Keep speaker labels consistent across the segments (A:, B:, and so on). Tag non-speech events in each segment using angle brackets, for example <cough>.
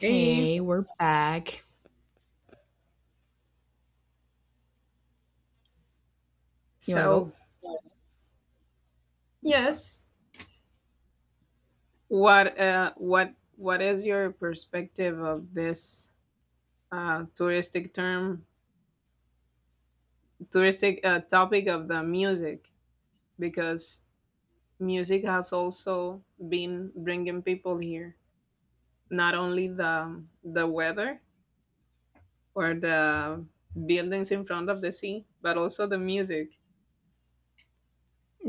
A: Hey,
B: we're back. You want to go?
A: so Yes. what what is your perspective of this touristic term touristic topic of the music? Because music has also been bringing people here, not only the weather or the buildings in front of the sea, but also the music.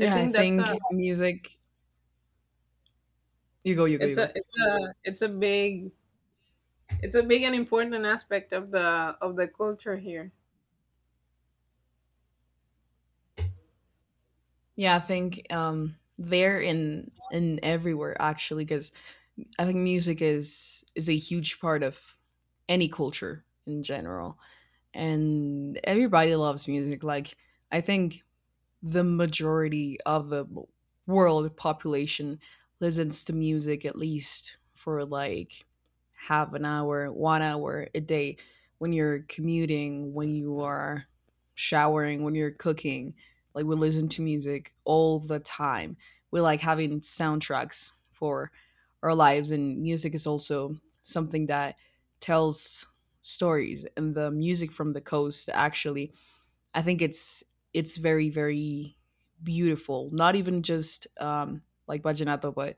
A: I
B: I
A: think that's a
B: think music. You go, you go, you
A: It's a
B: go.
A: it's a it's a big it's a big and important aspect of the culture here.
B: Yeah, I think there in everywhere actually, because I think music is a huge part of any culture in general, and everybody loves music. Like I think the majority of the world population listens to music at least for like half an hour, 1 hour a day when you're commuting, when you are showering, when you're cooking. Like we listen to music all the time. We like having soundtracks for our lives and music is also something that tells stories. And the music from the coast actually I think it's very very beautiful. Not even just like Bajanato, but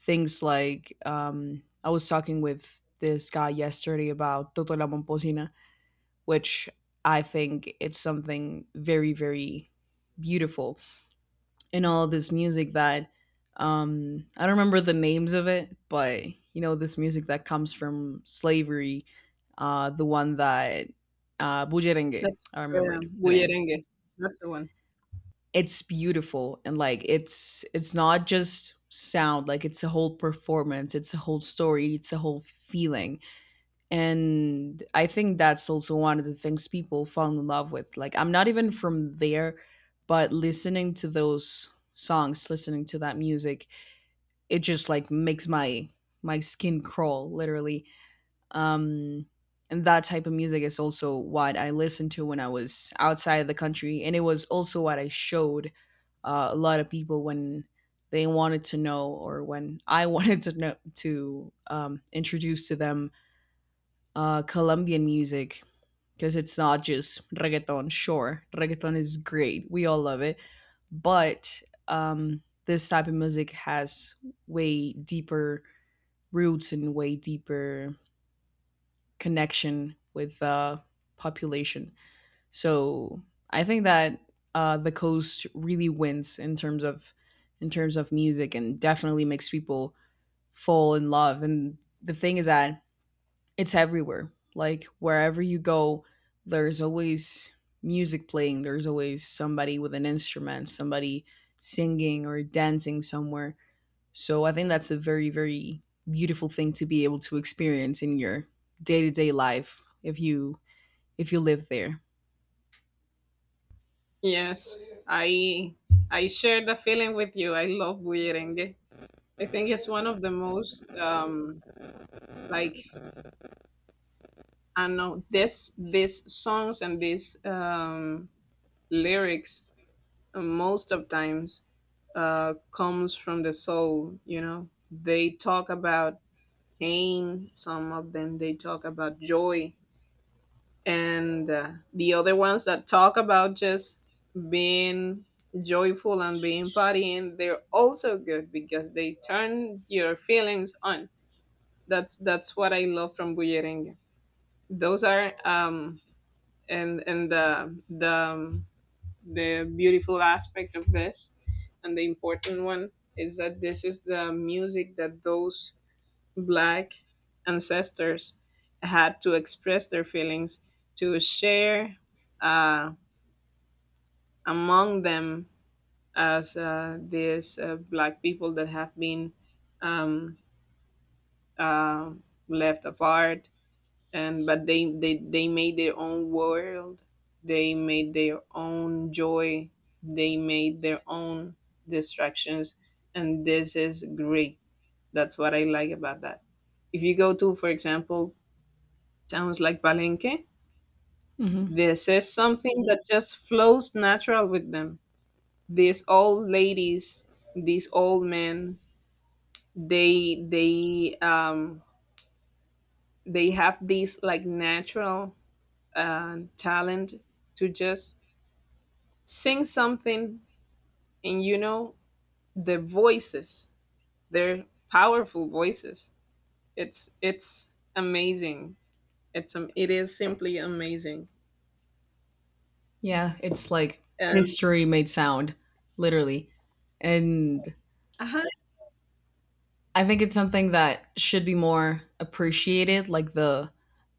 B: things like I was talking with this guy yesterday about Toto la Momposina, which I think it's something very very beautiful in all this music that, I don't remember the names of it, but you know this music that comes from slavery, the one that, Bujerengue.
A: That's
B: I remembered
A: the
B: the name.
A: bullerengue. That's the one.
B: It's beautiful, and like it's not just sound. Like it's a whole performance, it's a whole story, it's a whole feeling. And I think that's also one of the things people fall in love with. Like I'm not even from there, but listening to those songs, listening to that music, it just like makes my my skin crawl, literally. Um, and that type of music is also what I listened to when I was outside the country, and it was also what I showed a lot of people when they wanted to know, or when I <laughs> wanted to know to, introduce to them Colombian music, because it's not just reggaeton. Sure, reggaeton is great; we all love it, but this type of music has way deeper roots and way deeper connection with the population. So I think that the coast really wins in terms of, music, and definitely makes people fall in love. And the thing is that it's everywhere. Like wherever you go, there's always music playing. There's always somebody with an instrument, somebody singing or dancing somewhere. So I think that's a very, very beautiful thing to be able to experience in your day to day life if you live there.
A: Yes, I I share the feeling with you. I love bullerengue. I think it's one of the most like I don't know this these songs and these lyrics most of times comes from the soul, you know. They talk about pain, some of them they talk about joy, and the other ones that talk about just being joyful and being partying, they're also good because they turn your feelings on. That's what I love from bullerengue. Those are And the beautiful aspect of this and the important one is that this is the music that those Black ancestors had to express their feelings, to share, uh, among them, as these Black people that have been um, uh, left apart. And but they, they made their own world. They made their own joy. They made their own distractions, and this is great. That's what I like about that. If you go to, for example, sounds like Palenque.
B: Mm-hmm.
A: This is something that just flows natural with them. These old ladies, these old men, they they um they have this like natural talent to just sing something, and you know, the voices, they're powerful voices. It's amazing. It is simply amazing.
B: Yeah, it's like
A: And
B: history made sound, literally. And
A: uh huh,
B: I think it's something that should be more appreciated, like the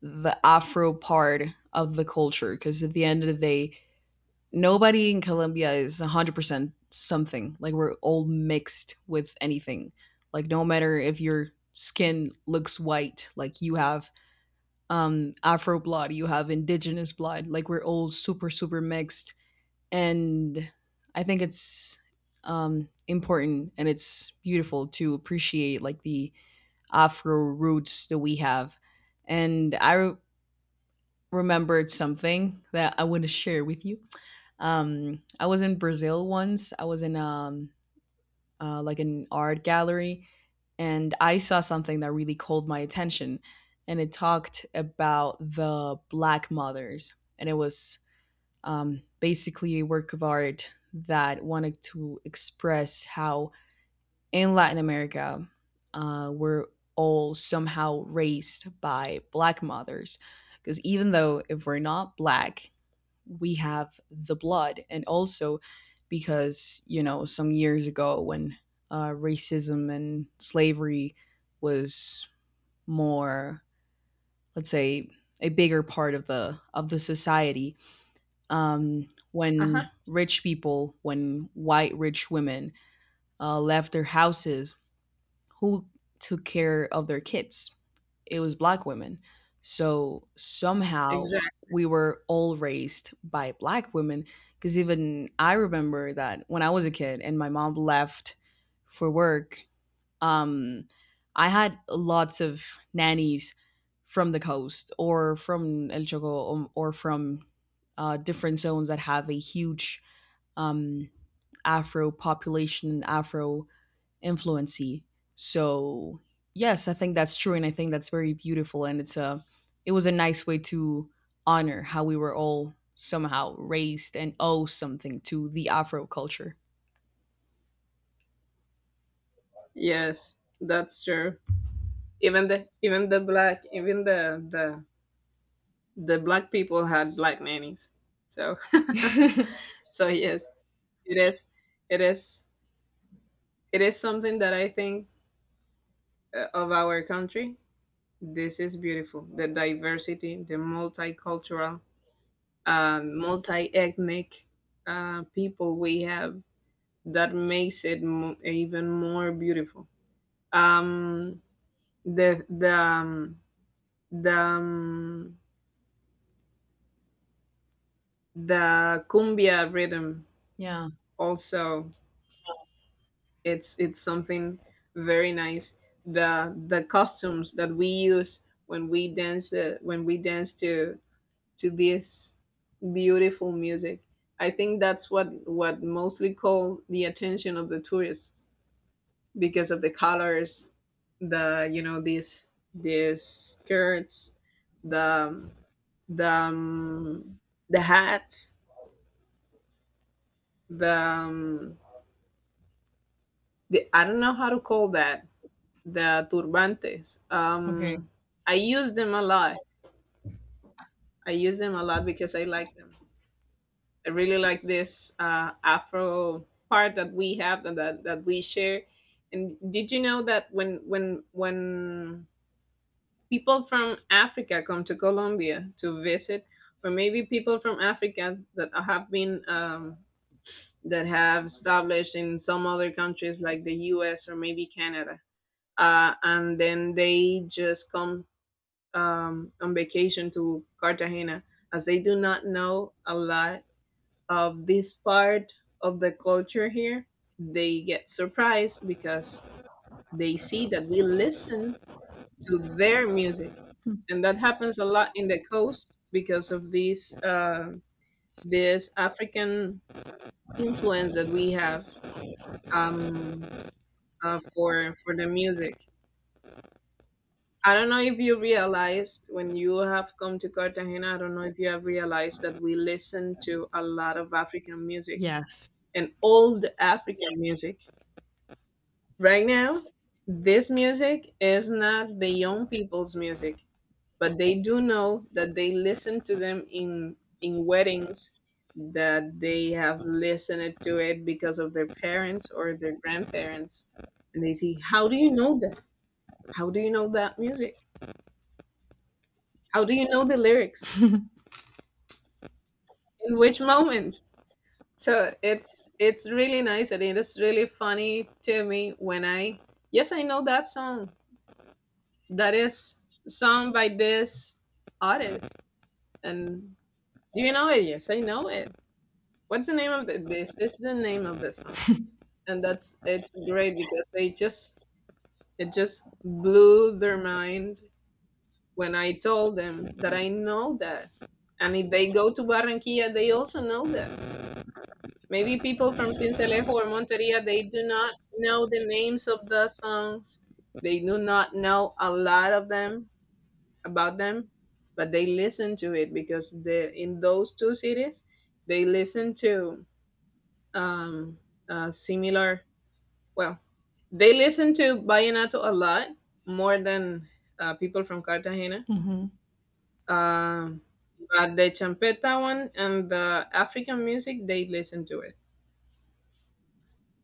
B: the Afro part of the culture, because at the end of the day, nobody in Colombia is 100% something. Like we're all mixed with anything. Like no matter if your skin looks white, like you have Afro blood, you have indigenous blood. Like we're all super super mixed, and I think it's important and it's beautiful to appreciate like the Afro roots that we have. And I remembered something that I want to share with you. I was in Brazil once. I was in, like, an art gallery, and I saw something that really called my attention. And it talked about the black mothers, and it was basically a work of art that wanted to express how in Latin America we're all somehow raised by black mothers, because even though if we're not black we have the blood, and also because you know some years ago when racism and slavery was more, let's say, a bigger part of the society.
A: uh huh,
B: When rich people, when white rich women left their houses, who took care of their kids? It was black women. So somehow
A: exactly.
B: we were all raised by black women. Because even I remember that when I was a kid and my mom left for work, um, I had lots of nannies from the coast, or from El Choco, or from different zones that have a huge, um, Afro population, Afro influency. So yes, I think that's true, and I think that's very beautiful, and it was a nice way to honor how we were all somehow raised and owe something to the Afro culture.
A: Yes, that's true. Even the black people had black nannies. So
B: <laughs>
A: <laughs> so yes, it is it is it is something that I think of our country. This is beautiful. The diversity, the multicultural, multi-ethnic people we have, that makes it even more beautiful. Um, the the um, the um, the cumbia rhythm
B: Yeah.
A: also, it's something very nice. The costumes that we use when we dance, to this beautiful music, I think that's what mostly called the attention of the tourists, because of the colors, the, you know, these skirts, the the um, the hats, the um, the, I don't know how to call that, the turbantes.
B: Okay.
A: I use them a lot. I use them a lot because I like them. I really like this Afro part that we have and that we share. And did you know that when people from Africa come to Colombia to visit, or maybe people from Africa that have been that have established in some other countries like the U.S. or maybe Canada, and then they just come on vacation to Cartagena, as they do not know a lot of this part of the culture here, they get surprised because they see that we listen to their music. And that happens a lot in the coast because of this African influence that we have um, for the music. I don't know if you realized when you have come to Cartagena, I don't know if you have realized that we listen to a lot of African music
B: Yes.
A: and old African music. Right now, this music is not the young people's music, but they do know that they listen to them in weddings, that they have listened to it because of their parents or their grandparents. And they see, how do you know that? How do you know that music? How do you know the lyrics? In which moment? So it's really nice, and it is really funny to me when I, yes, I know that song that is sung by this artist. And, do you know it? Yes, I know it. What's the name of this? This is the name of the song. And that's, it's great because they just, it just blew their mind when I told them that I know that. And if they go to Barranquilla, they also know that. Maybe people from Sincelejo or Monteria, they do not know the names of the songs. They do not know a lot of them about them, but they listen to it because the in those two cities, they listen to um, similar. Well, they listen to vallenato a lot more than people from Cartagena.
B: Hmm.
A: Um, but the champeta one and the African music, they listen to it.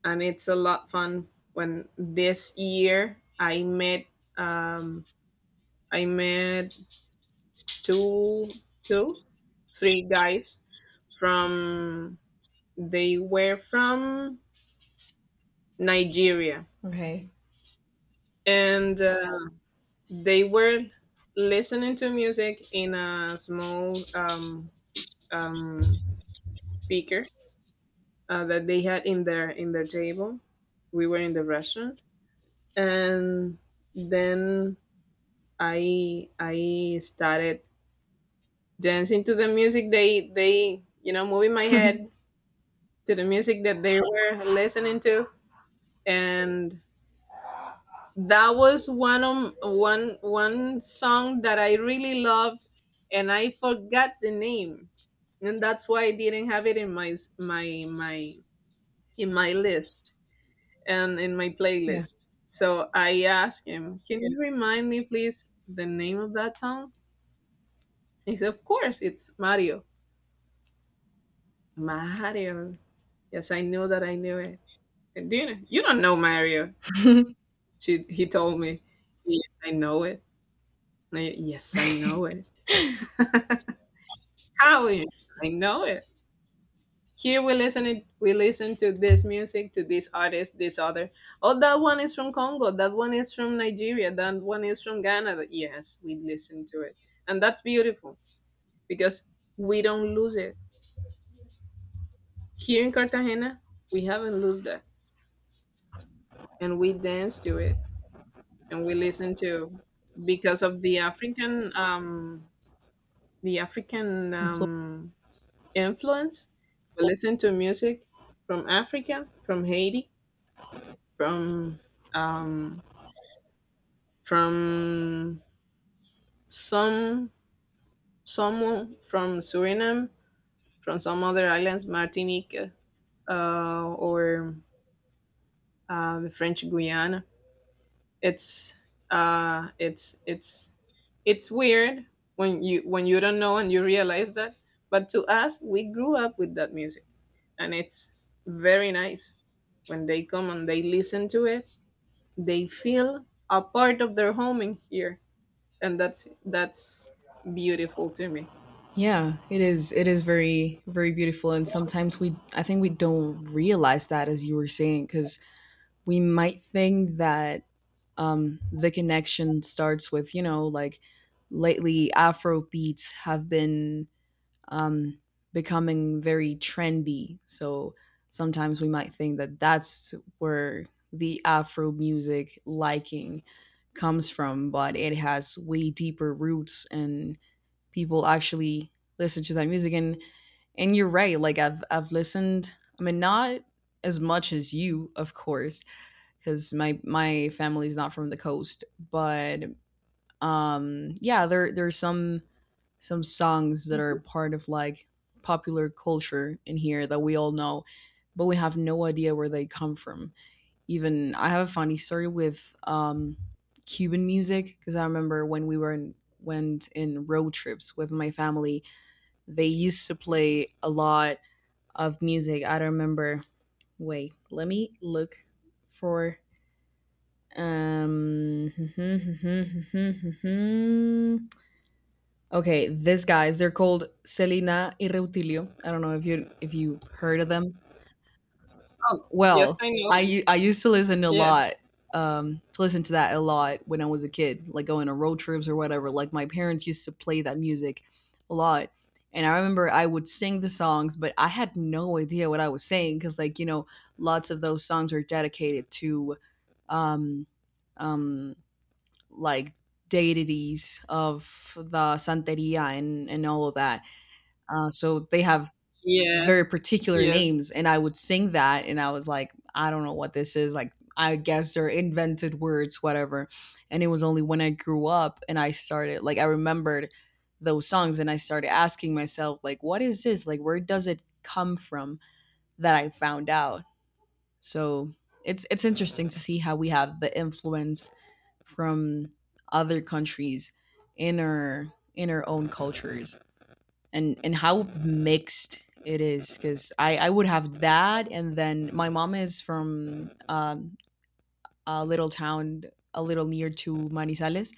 A: And it's a lot fun when this year um, I met two two three guys from, they were from Nigeria,
B: Okay.
A: and they were listening to music in a small um, speaker that they had in their table. We were in the restaurant, and then I started dancing to the music they, you know, moving my head to the music that they were listening to. And that was one of one song that I really loved, and I forgot the name. And that's why I didn't have it in my list and in my
B: Yeah.
A: playlist. So I asked him, "Can you remind me please the name of that song?" He said, "Of course, it's Mario." Mario. Yes, I knew that I knew it. And do you know, you don't know Mario.
B: <laughs>
A: She, he told me, yes, I know it. And I, yes, I know it. How you, I know it. Here we listen it we listen to this music, to this artist, this other. Oh, that one is from Congo, that one is from Nigeria, that one is from Ghana. Yes, we listen to it. And that's beautiful, because we don't lose it. Here in Cartagena, we haven't lost that. And we dance to it and we listen to, because of the African the African
B: Influ-
A: um, influence. We listen to music from Africa, from Haiti, from um, from some some from Suriname, from some other islands, Martinique, or the French Guiana. It's uh it's it's it's weird when you, when you don't know and you realize that. But to us, we grew up with that music, and it's very nice when they come and they listen to it. They feel a part of their home in here, and that's beautiful to me.
B: yeah. It is. It is very, very beautiful. And sometimes we, I think we don't realize that, as you were saying, because we might think that, the connection starts with you know like lately afro beats have been, um, becoming very trendy, so sometimes we might think that that's where the afro music liking comes from, but it has way deeper roots, and people actually listen to that music. And you're right. Like I've listened, I mean, not as much as you of course, because my family's not from the coast. But yeah, there's some songs that are part of like popular culture in here that we all know, but we have no idea where they come from. Even I have a funny story with Cuban music, because I remember when we were in went in road trips with my family, they used to play a lot of music. I don't remember. Wait, let me look for, um. <laughs> Okay, this guys, they're called Selena y Reutilio. I don't know if you heard of them.
A: Oh, yes,
B: Well,
A: I know them.
B: I used to listen a
A: Yeah.
B: lot. To listen to that a lot when I was a kid, like going on road trips or whatever. Like my parents used to play that music a lot, and I remember I would sing the songs, but I had no idea what I was saying because, like you know, lots of those songs are dedicated to, um, um, like, deities of the Santeria, and all of that. So they have very
A: yes
B: particular
A: yes
B: names. And I would sing that and I was like, I don't know what this is. Like, I guess they're invented words, whatever. And it was only when I grew up and I started, like, I remembered those songs and I started asking myself, like, what is this? Like, where does it come from, that I found out? So it's interesting to see how we have the influence from other countries in our in our own cultures, and how mixed it is, because I would have that, and then my mom is from a little town a little near to Manizales,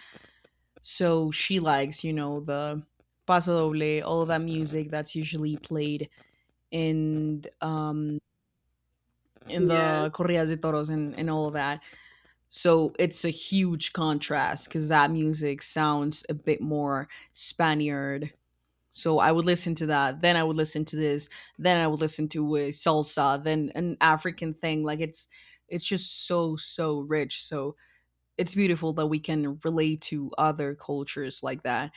B: so she likes you know the paso doble, all of that music that's usually played in um in the
A: yes,
B: corridas de toros, and all of that. So it's a huge contrast because that music sounds a bit more Spaniard. So I would listen to that, then I would listen to this, then I would listen to salsa, then an African thing. Like it's just so so rich. So it's beautiful that we can relate to other cultures like that.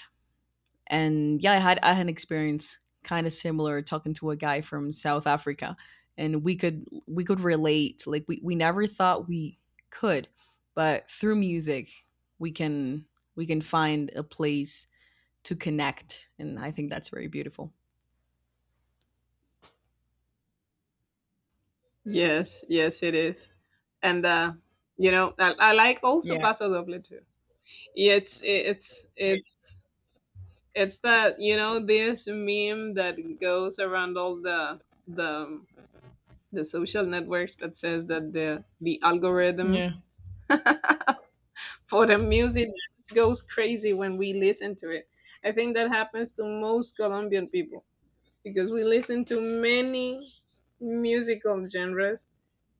B: And yeah, I had an experience kind of similar, talking to a guy from South Africa, and we could relate. Like we never thought we could, but through music we can we can find a place to connect, and I think that's very beautiful.
A: yes, it is. And you know, I like also
B: Yeah,
A: paso doble too. It's it's that, you know, this meme that goes around all the the social networks that says that the algorithm
B: yeah.
A: for the music just goes crazy when we listen to it. I think that happens to most Colombian people because we listen to many musical genres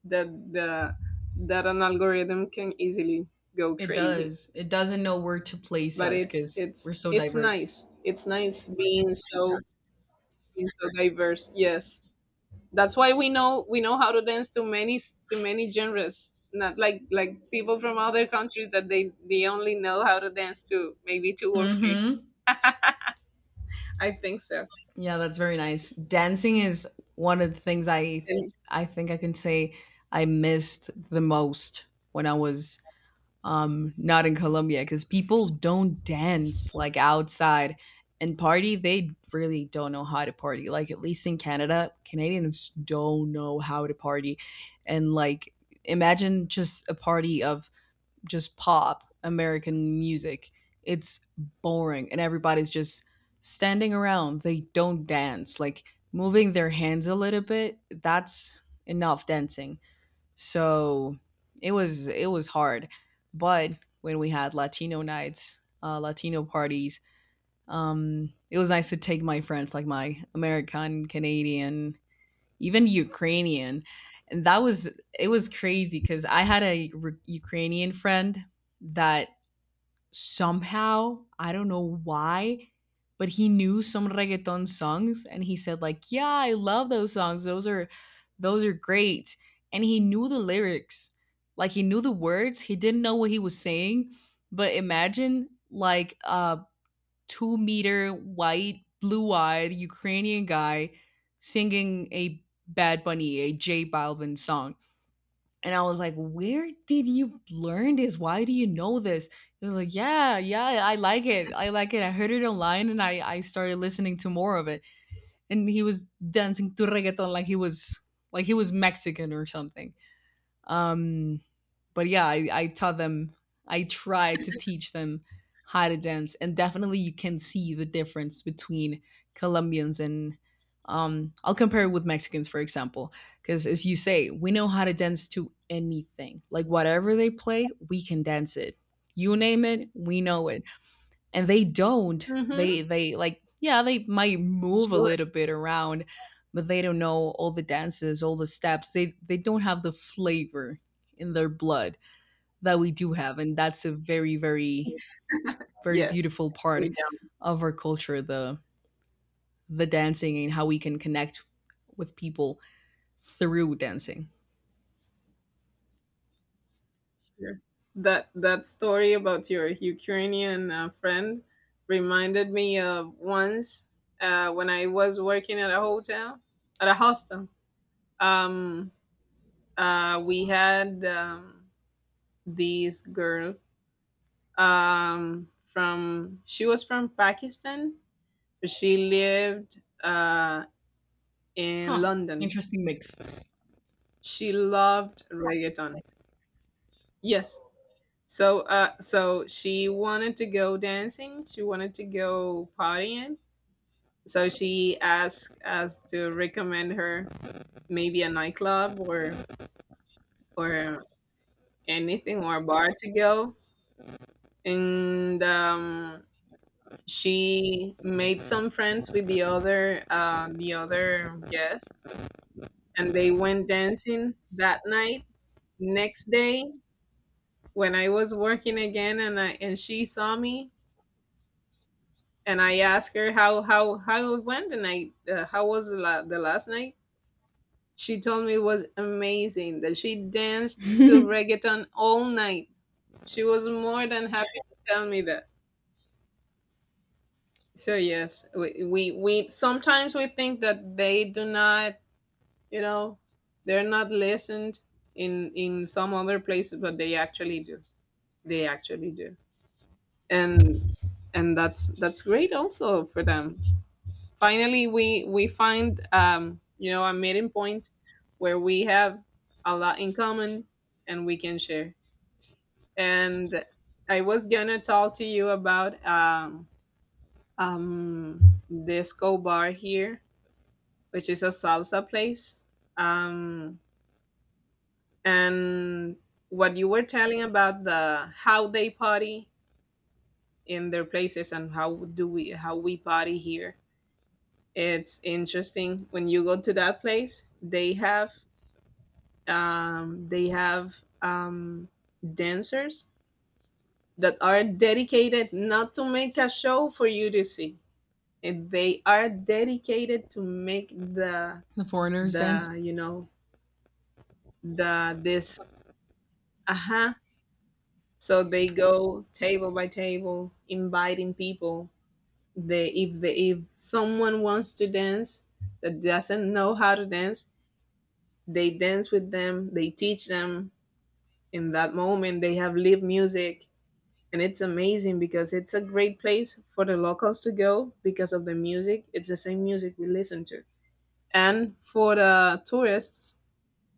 A: that the that an algorithm can easily go
B: It
A: crazy.
B: does. It doesn't know where to place
A: But
B: us
A: it's
B: because we're
A: it's
B: so
A: it's
B: diverse.
A: nice. It's nice being so, being so diverse. Yes, that's why we know, we know how to dance to many genres. Not like, like people from other countries that they only know how to dance to maybe two or three.
B: Hmm.
A: I think so.
B: Yeah, that's very nice. Dancing is one of the things I
A: And,
B: I think I can say I missed the most when I was not in Colombia, cuz people don't dance like outside. And party, they really don't know how to party. Like at least in Canada, Canadians don't know how to party. And like imagine just a party of just pop American music. It's boring and everybody's just standing around. They don't dance. Like moving their hands a little bit, that's enough dancing. So it was hard. But when we had Latino nights, Latino parties, it was nice to take my friends, like my American, Canadian, even Ukrainian. And that was it was crazy, because I had a Ukrainian friend that, somehow I don't know why, but he knew some reggaeton songs and he said like, "Yeah, I love those songs. Those are great." And he knew the lyrics. Like he knew the words, he didn't know what he was saying, but imagine like 2-meter white, blue eyed Ukrainian guy singing a Bad Bunny, a J Balvin song. And I was like, where did you learn this? Why do you know this? He was like, yeah, yeah, I like it. I like it. I heard it online, and I started listening to more of it. And he was dancing to reggaeton like he was Mexican or something. Um but yeah, I taught them, I tried to teach them how to dance, and definitely you can see the difference between Colombians and I'll compare it with Mexicans, for example, because as you say, we know how to dance to anything. Like whatever they play, we can dance it. You name it, we know it. And they don't.
A: hmm,
B: They like yeah, they might move a
A: sure.
B: little bit around, but they don't know all the dances, all the steps. They don't have the flavor in their blood that we do have, and that's a very, very, very
A: Yes,
B: beautiful
A: they
B: part
A: down
B: of our culture, the dancing and how we can connect with people through dancing.
A: here. That that story about your Ukrainian friend reminded me of once when I was working at a hotel, at a hostel. Um, we had this girl from she was from Pakistan, but she lived in
B: Huh.
A: London.
B: Interesting mix.
A: She loved reggaeton. Yes. So so she wanted to go dancing. She wanted to go partying. So she asked us to recommend her maybe a nightclub or anything, or a bar to go. And She made some friends with the other guests and they went dancing that night, next day when I was working again and she saw me and I asked her how it went and I how was the last night. She told me it was amazing, that she
B: <laughs>
A: danced to
B: The
A: reggaeton all night. She was more than happy to tell me that. So yes, we sometimes we think that they do not, you know they're not listened in some other places, but they actually do. They actually do. And and that's great also for them. Finally we find a meeting point where we have a lot in common and we can share. And I was gonna talk to you about um disco bar here, which is a salsa place. Um and What you were telling about the how they party in their places and how do we how we party here. It's interesting, when you go to that place, they have um they have um dancers that are dedicated not to make a show for you to see, and they are dedicated to make
B: foreigners dance.
A: the you know the this uh So they go table by table, inviting people. They, if they, if someone wants to dance that doesn't know how to dance, they dance with them. They teach them. In that moment, they have live music, and it's amazing because it's a great place for the locals to go because of the music. It's the same music we listen to, and for the tourists,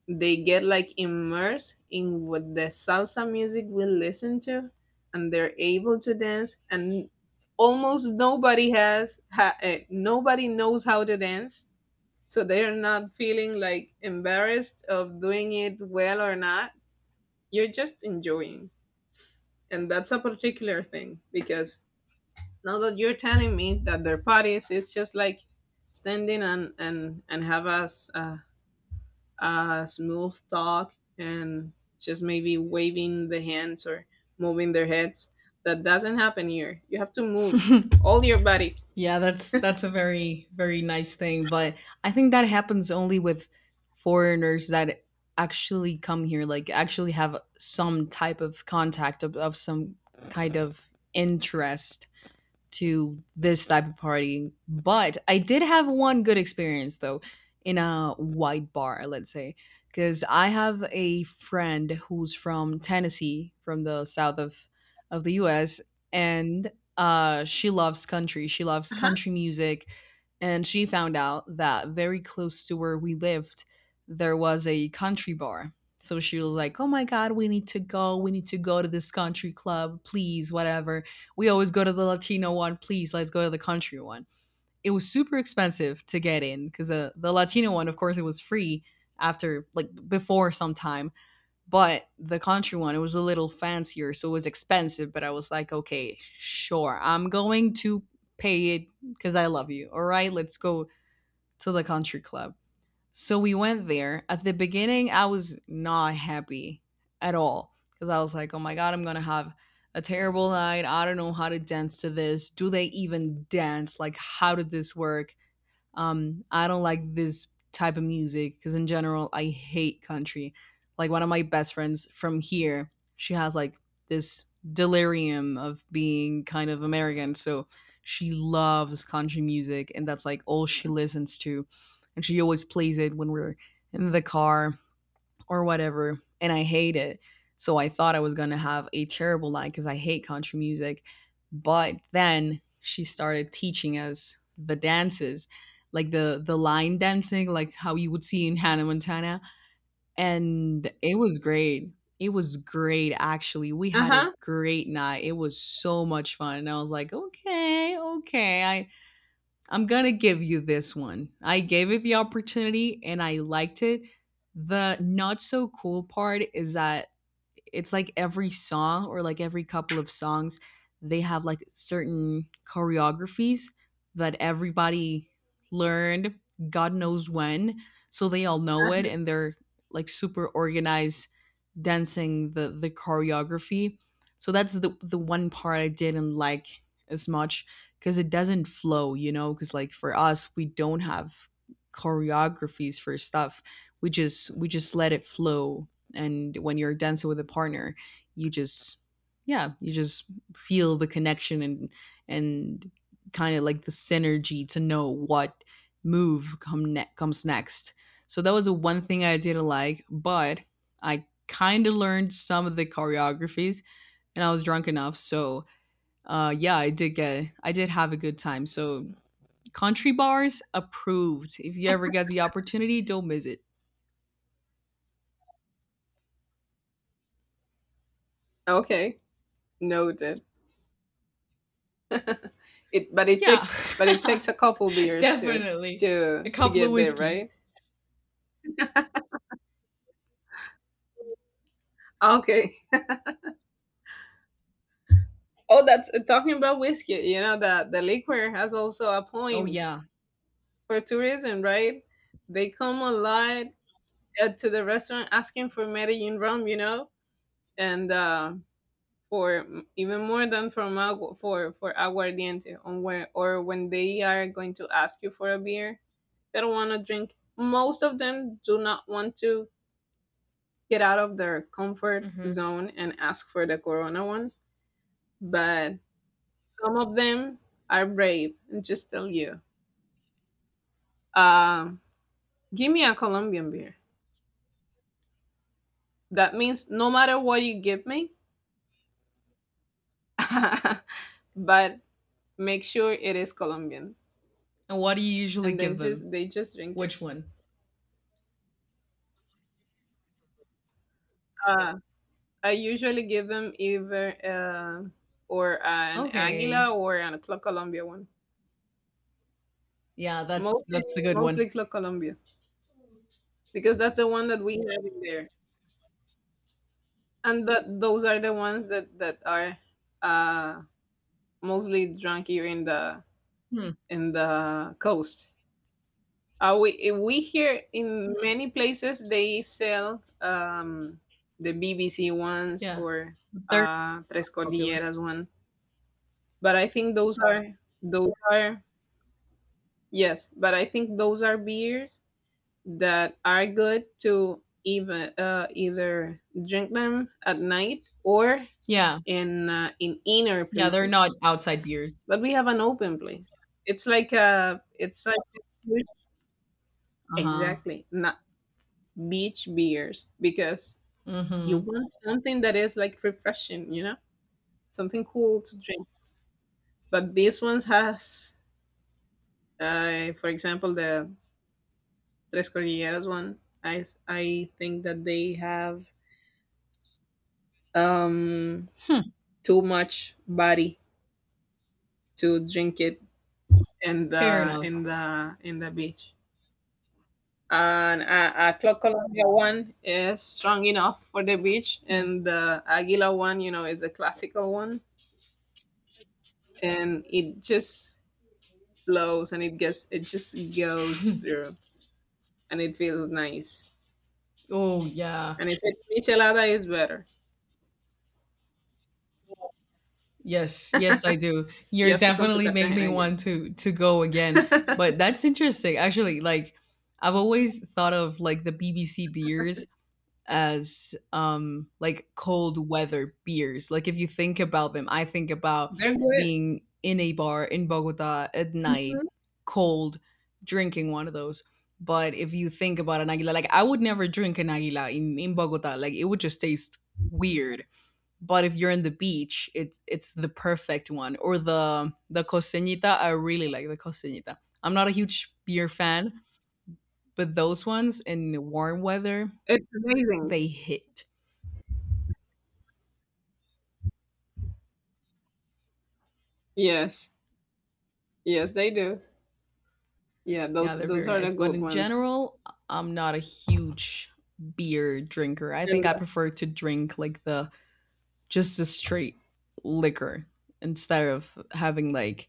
A: they get like immersed in what the salsa music we listen to, and they're able to dance. And almost nobody nobody knows how to dance, so they're not feeling like embarrassed of doing it well or not. You're just enjoying. And that's a particular thing, because now that you're telling me that their parties is just like standing and have us a smooth talk, and just maybe waving the hands or moving their heads. That doesn't happen here. You have to move all your body.
B: Yeah, that's a very, very nice thing, but I think that happens only with foreigners that actually come here, like actually have some type of contact of some kind of interest to this type of party. But I did have one good experience though in a white bar, let's say, because I have a friend who's from Tennessee, from the south of the U.S., and she loves country. She loves
A: Uh huh.
B: country music, and she found out that very close to where we lived, there was a country bar. So she was like, "Oh my God, we need to go. We need to go to this country club, please, whatever." We always go to the Latino one. Please, let's go to the country one. It was super expensive to get in because the Latino one, of course, it was free after, like, before some time, but the country one, it was a little fancier, so it was expensive. But I was like, okay, sure, I'm going to pay it because I love you. All right, let's go to the country club. So we went there. At the beginning, I was not happy at all because I was like, oh my God, I'm going to have a terrible night. I don't know how to dance to this. Do they even dance? Like, how did this work? I don't like this type of music because in general I hate country. Like one of my best friends from here, she has like this delirium of being kind of American, so she loves country music and that's like all she listens to. And she always plays it when we're in the car or whatever. And I hate it. So I thought I was going to have a terrible night because I hate country music. But then she started teaching us the dances, like the line dancing, like how you would see in Hannah Montana. And it was great. It was great actually. We
A: Uh
B: had a
A: huh.
B: great night. It was so much fun. And I was like, okay, okay. I'm going to give you this one. I gave it the opportunity and I liked it. The not so cool part is that it's like every song or like every couple of songs, they have like certain choreographies that everybody learned God knows when. So they all know it and they're like super organized dancing the choreography. So that's the one part I didn't like as much because it doesn't flow, you know. Because like for us, we don't have choreographies for stuff. We just let it flow. And when you're dancing with a partner, you just yeah, you just feel the connection and kind of like the synergy to know what comes next. So that was the one thing I didn't like, but I kind of learned some of the choreographies and I was drunk enough, so yeah, I did have a good time. So country bars approved, if you ever get the opportunity, don't miss it.
A: Okay, noted. It,
B: Yeah,
A: but it takes
B: <laughs>
A: a couple beers to
B: definitely. A
A: to
B: couple of
A: get there,
B: whiskeys.
A: right? Okay. Oh, that's talking about whiskey. You know that the liquor has also a
B: Oh
A: point
B: yeah.
A: for tourism, right? They come a lot to the restaurant asking for Medellin rum, you know, and for even more than from agu- for aguardiente. On where or when they are going to ask you for a beer, they don't want to drink, most of them do not want to get out of their comfort
B: Hmm.
A: zone and ask for the corona one. But some of them are brave and just tell you, uh, give me a Colombian beer. That means no matter what you give me, <laughs> but make sure it is Colombian.
B: And what do you usually
A: And then
B: give them?
A: just, they just drink it.
B: Which one?
A: uh, I usually give them either or an Aguila
B: Okay.
A: or an Club Colombia one.
B: Yeah, that's
A: Mostly,
B: that's the good one.
A: mostly Club Colombia because that's the one that we have in there, and that those are the ones that that are uh, mostly drunk here
B: Hmm.
A: in the coast. We here in many places they sell the BBC ones
B: Yeah,
A: or
B: they're
A: Tres
B: popular.
A: Cordilleras one, but I think those are those are yes, but I think those are beers that are good to even either drink them at night or
B: Yeah.
A: in inner
B: Yeah, they're
A: places.
B: not outside beers.
A: But we have an open place. It's like a, it's like a huge,
B: Uh-huh.
A: exactly not beach beers because you
B: Mm-hmm.
A: want something that is like refreshing, you know, something cool to drink. But these ones has, for example, the Tres Cordilleras one. I think that they have um
B: Hmm.
A: too much body to drink it in the
B: Fair
A: in
B: enough.
A: the in the beach. And a Clock Colombia one is strong enough for the beach,
B: Yeah.
A: and the Aguila one, you know, is a classical one, and it just flows and it gets, it just goes through, and it feels nice.
B: Oh yeah.
A: And if it's michelada, it's better.
B: Yes, yes, I do.
A: You
B: You're
A: have to come to
B: definitely making me
A: Cartagena again.
B: want to go
A: <laughs>
B: again. But
A: They're
B: that's interesting. Actually, like I've always thought of like the BBC beers as like cold weather beers. Like if you think about them, I think about
A: good.
B: being in a bar in Bogota at night,
A: Mhm.
B: cold, drinking one of those. But if you think about an aguila, like I would never drink an aguila in Bogota. Like it would just taste weird. But if you're in the beach, it's the perfect one, or the costeñita. I really like the costeñita. I'm not a huge beer fan, but those ones in warm weather,
A: It's amazing.
B: they hit.
A: Yes, yes, they do. Yeah,
B: Yeah,
A: those
B: they're
A: those
B: very
A: are the
B: nice, but
A: good
B: in
A: ones.
B: general, I'm not a huge beer drinker. I think
A: And
B: I prefer to drink like the just the straight liquor instead of having like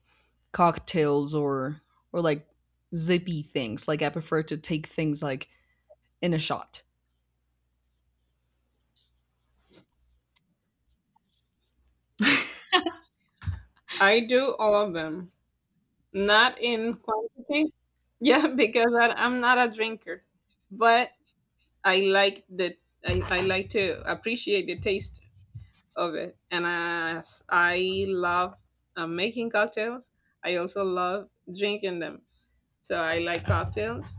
B: cocktails or like zippy things. Like I prefer to take things like in a shot.
A: I do all of them, not in quantity. Yeah, <laughs> because I'm not a drinker, but I like the I like to appreciate the taste of it. And as I love making cocktails, I also love drinking them. So I like cocktails.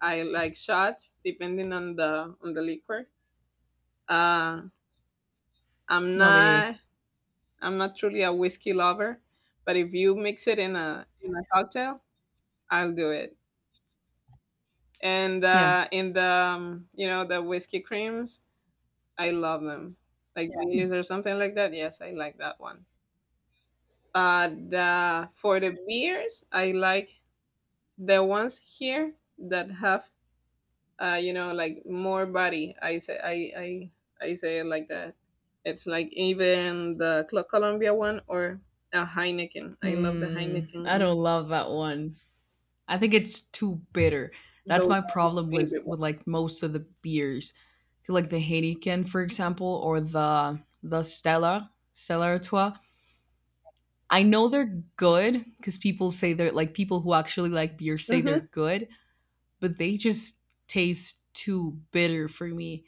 A: I like shots, depending on the liquor. Uh, I'm
B: No, me neither.
A: not I'm not truly a whiskey lover, but if you mix it in a cocktail, I'll do it. And
B: Yeah.
A: in the you know, the whiskey creams, I love them, like yeah,
B: Mm.
A: Baileys or something like that. Yes, I like that one. The for the beers, I like the ones here that have you know, like more body. I I say it like that. It's like even the Clo- Colombia one or a Heineken. I love the
B: Mm, I
A: Heineken.
B: don't love that one. I think it's too bitter. That's
A: Those
B: my
A: are my
B: problem
A: favorite
B: with
A: ones.
B: like most of the beers. I feel like the Heineken, for example, or the the Stella Artois. I know they're good because people say they're like people who actually like beer say they're
A: Mhm.
B: good, but they just taste too bitter for me.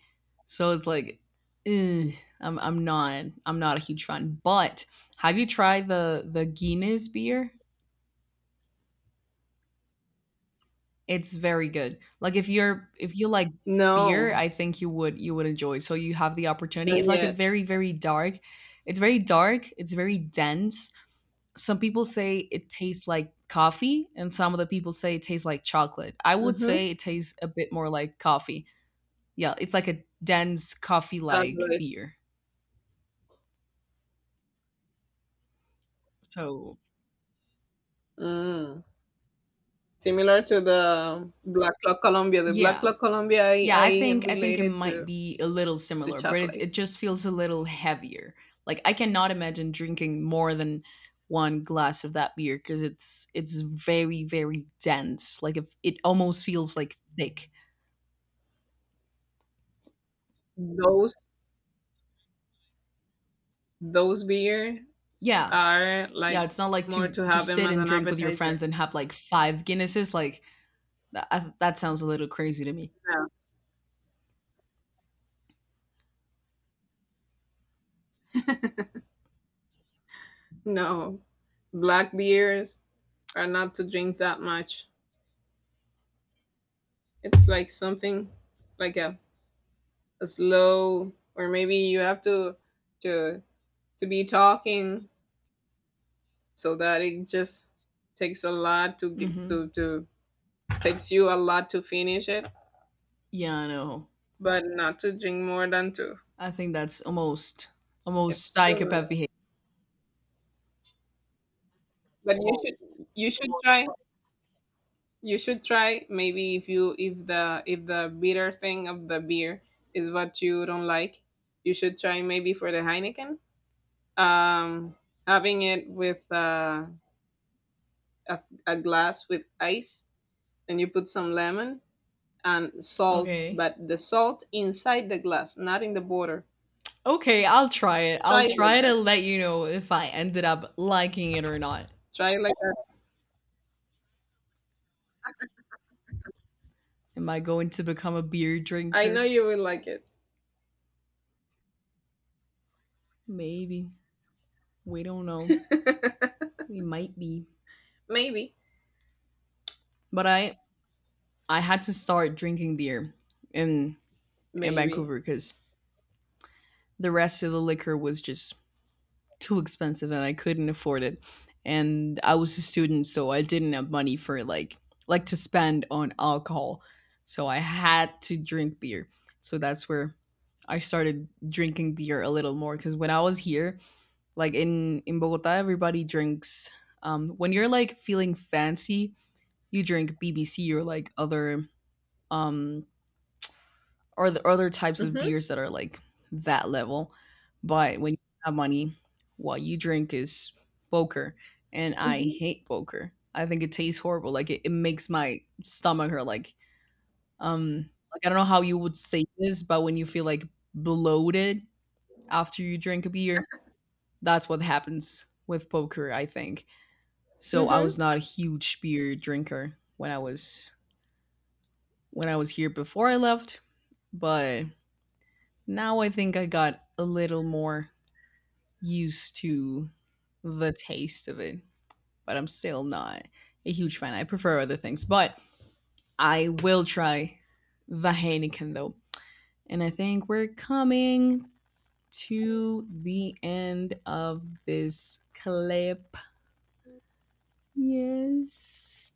B: So it's like, ugh, I'm not a huge fan. But have you tried the Guinness beer? It's very good. Like if you're if you like beer,
A: No,
B: I think you would enjoy. So you have the opportunity.
A: not
B: It's like a
A: yet.
B: very, very dark. It's very dark. It's very dense. Some people say it tastes like coffee, and some of the people say it tastes like chocolate. I would
A: Mhm.
B: say it tastes a bit more like coffee. Yeah, it's like a dense coffee like
A: Chocolate.
B: beer. So
A: Mm. Similar to the Black Clock Colombia. The Black
B: yeah.
A: Clock Colombia, I,
B: Yeah,
A: I
B: I think it
A: related
B: might be a little
A: to
B: similar, but it
A: chocolate.
B: just feels a little heavier. Like I cannot imagine drinking more than one glass of that beer because it's very, very dense. Like if, it almost feels like thick.
A: Those those beers
B: Yeah,
A: are
B: yeah.
A: like
B: It's not like
A: more
B: to
A: to have
B: just
A: them
B: sit
A: as
B: and
A: an
B: drink with your
A: appetizer.
B: friends and have like five Guinnesses. Like that I, that sounds a little crazy to me.
A: No, no. Black beers are not to drink that much. It's like something like a slow, or maybe you have to to to be talking so that it just takes a lot to get
B: Hmm.
A: to, takes you a lot to finish it.
B: Yeah, I know.
A: But not to drink more than two,
B: I think that's almost almost
A: it's too much.
B: psychopath behavior.
A: But you should, you should try, you should try maybe, if you if the, if the bitter thing of the beer is what you don't like, you should try maybe for the Heineken, um having it with a, a glass with ice, and you put some lemon and salt,
B: Okay.
A: but the salt inside the glass, not in the border.
B: Okay, I'll try it.
A: Try
B: I'll
A: it like
B: try to
A: that.
B: let you know if I ended up liking it or not.
A: Try it like that.
B: Am I going to become a beer
A: I know
B: drinker?
A: you will like it.
B: Maybe. We don't know.
A: <laughs>
B: We might be.
A: Maybe,
B: But I had to start drinking beer in in
A: maybe.
B: Vancouver cuz the rest of the liquor was just too expensive and I couldn't afford it. And I was a student, so I didn't have money for like to spend on alcohol. So I had to drink beer. So that's where I started drinking beer a little more because when I was here, like in Bogota, everybody drinks. When you're like feeling fancy, you drink BBC or like other um or the other types of
A: Mhm.
B: beers that are like that level. But when you have money, what you drink is poker, and I
A: Mhm.
B: hate poker. I think it tastes horrible. Like it makes my stomach hurt. Like I don't know how you would say this, but when you feel like bloated after you drink a beer, that's what happens with poker. I think. So I
A: Mhm.
B: was not a huge beer drinker when I was here before I left, but now I think I got a little more used to the taste of it, but I'm still not a huge fan. I prefer other things, but I will try the Heineken though. And I think we're coming to the end of this clip. Yes.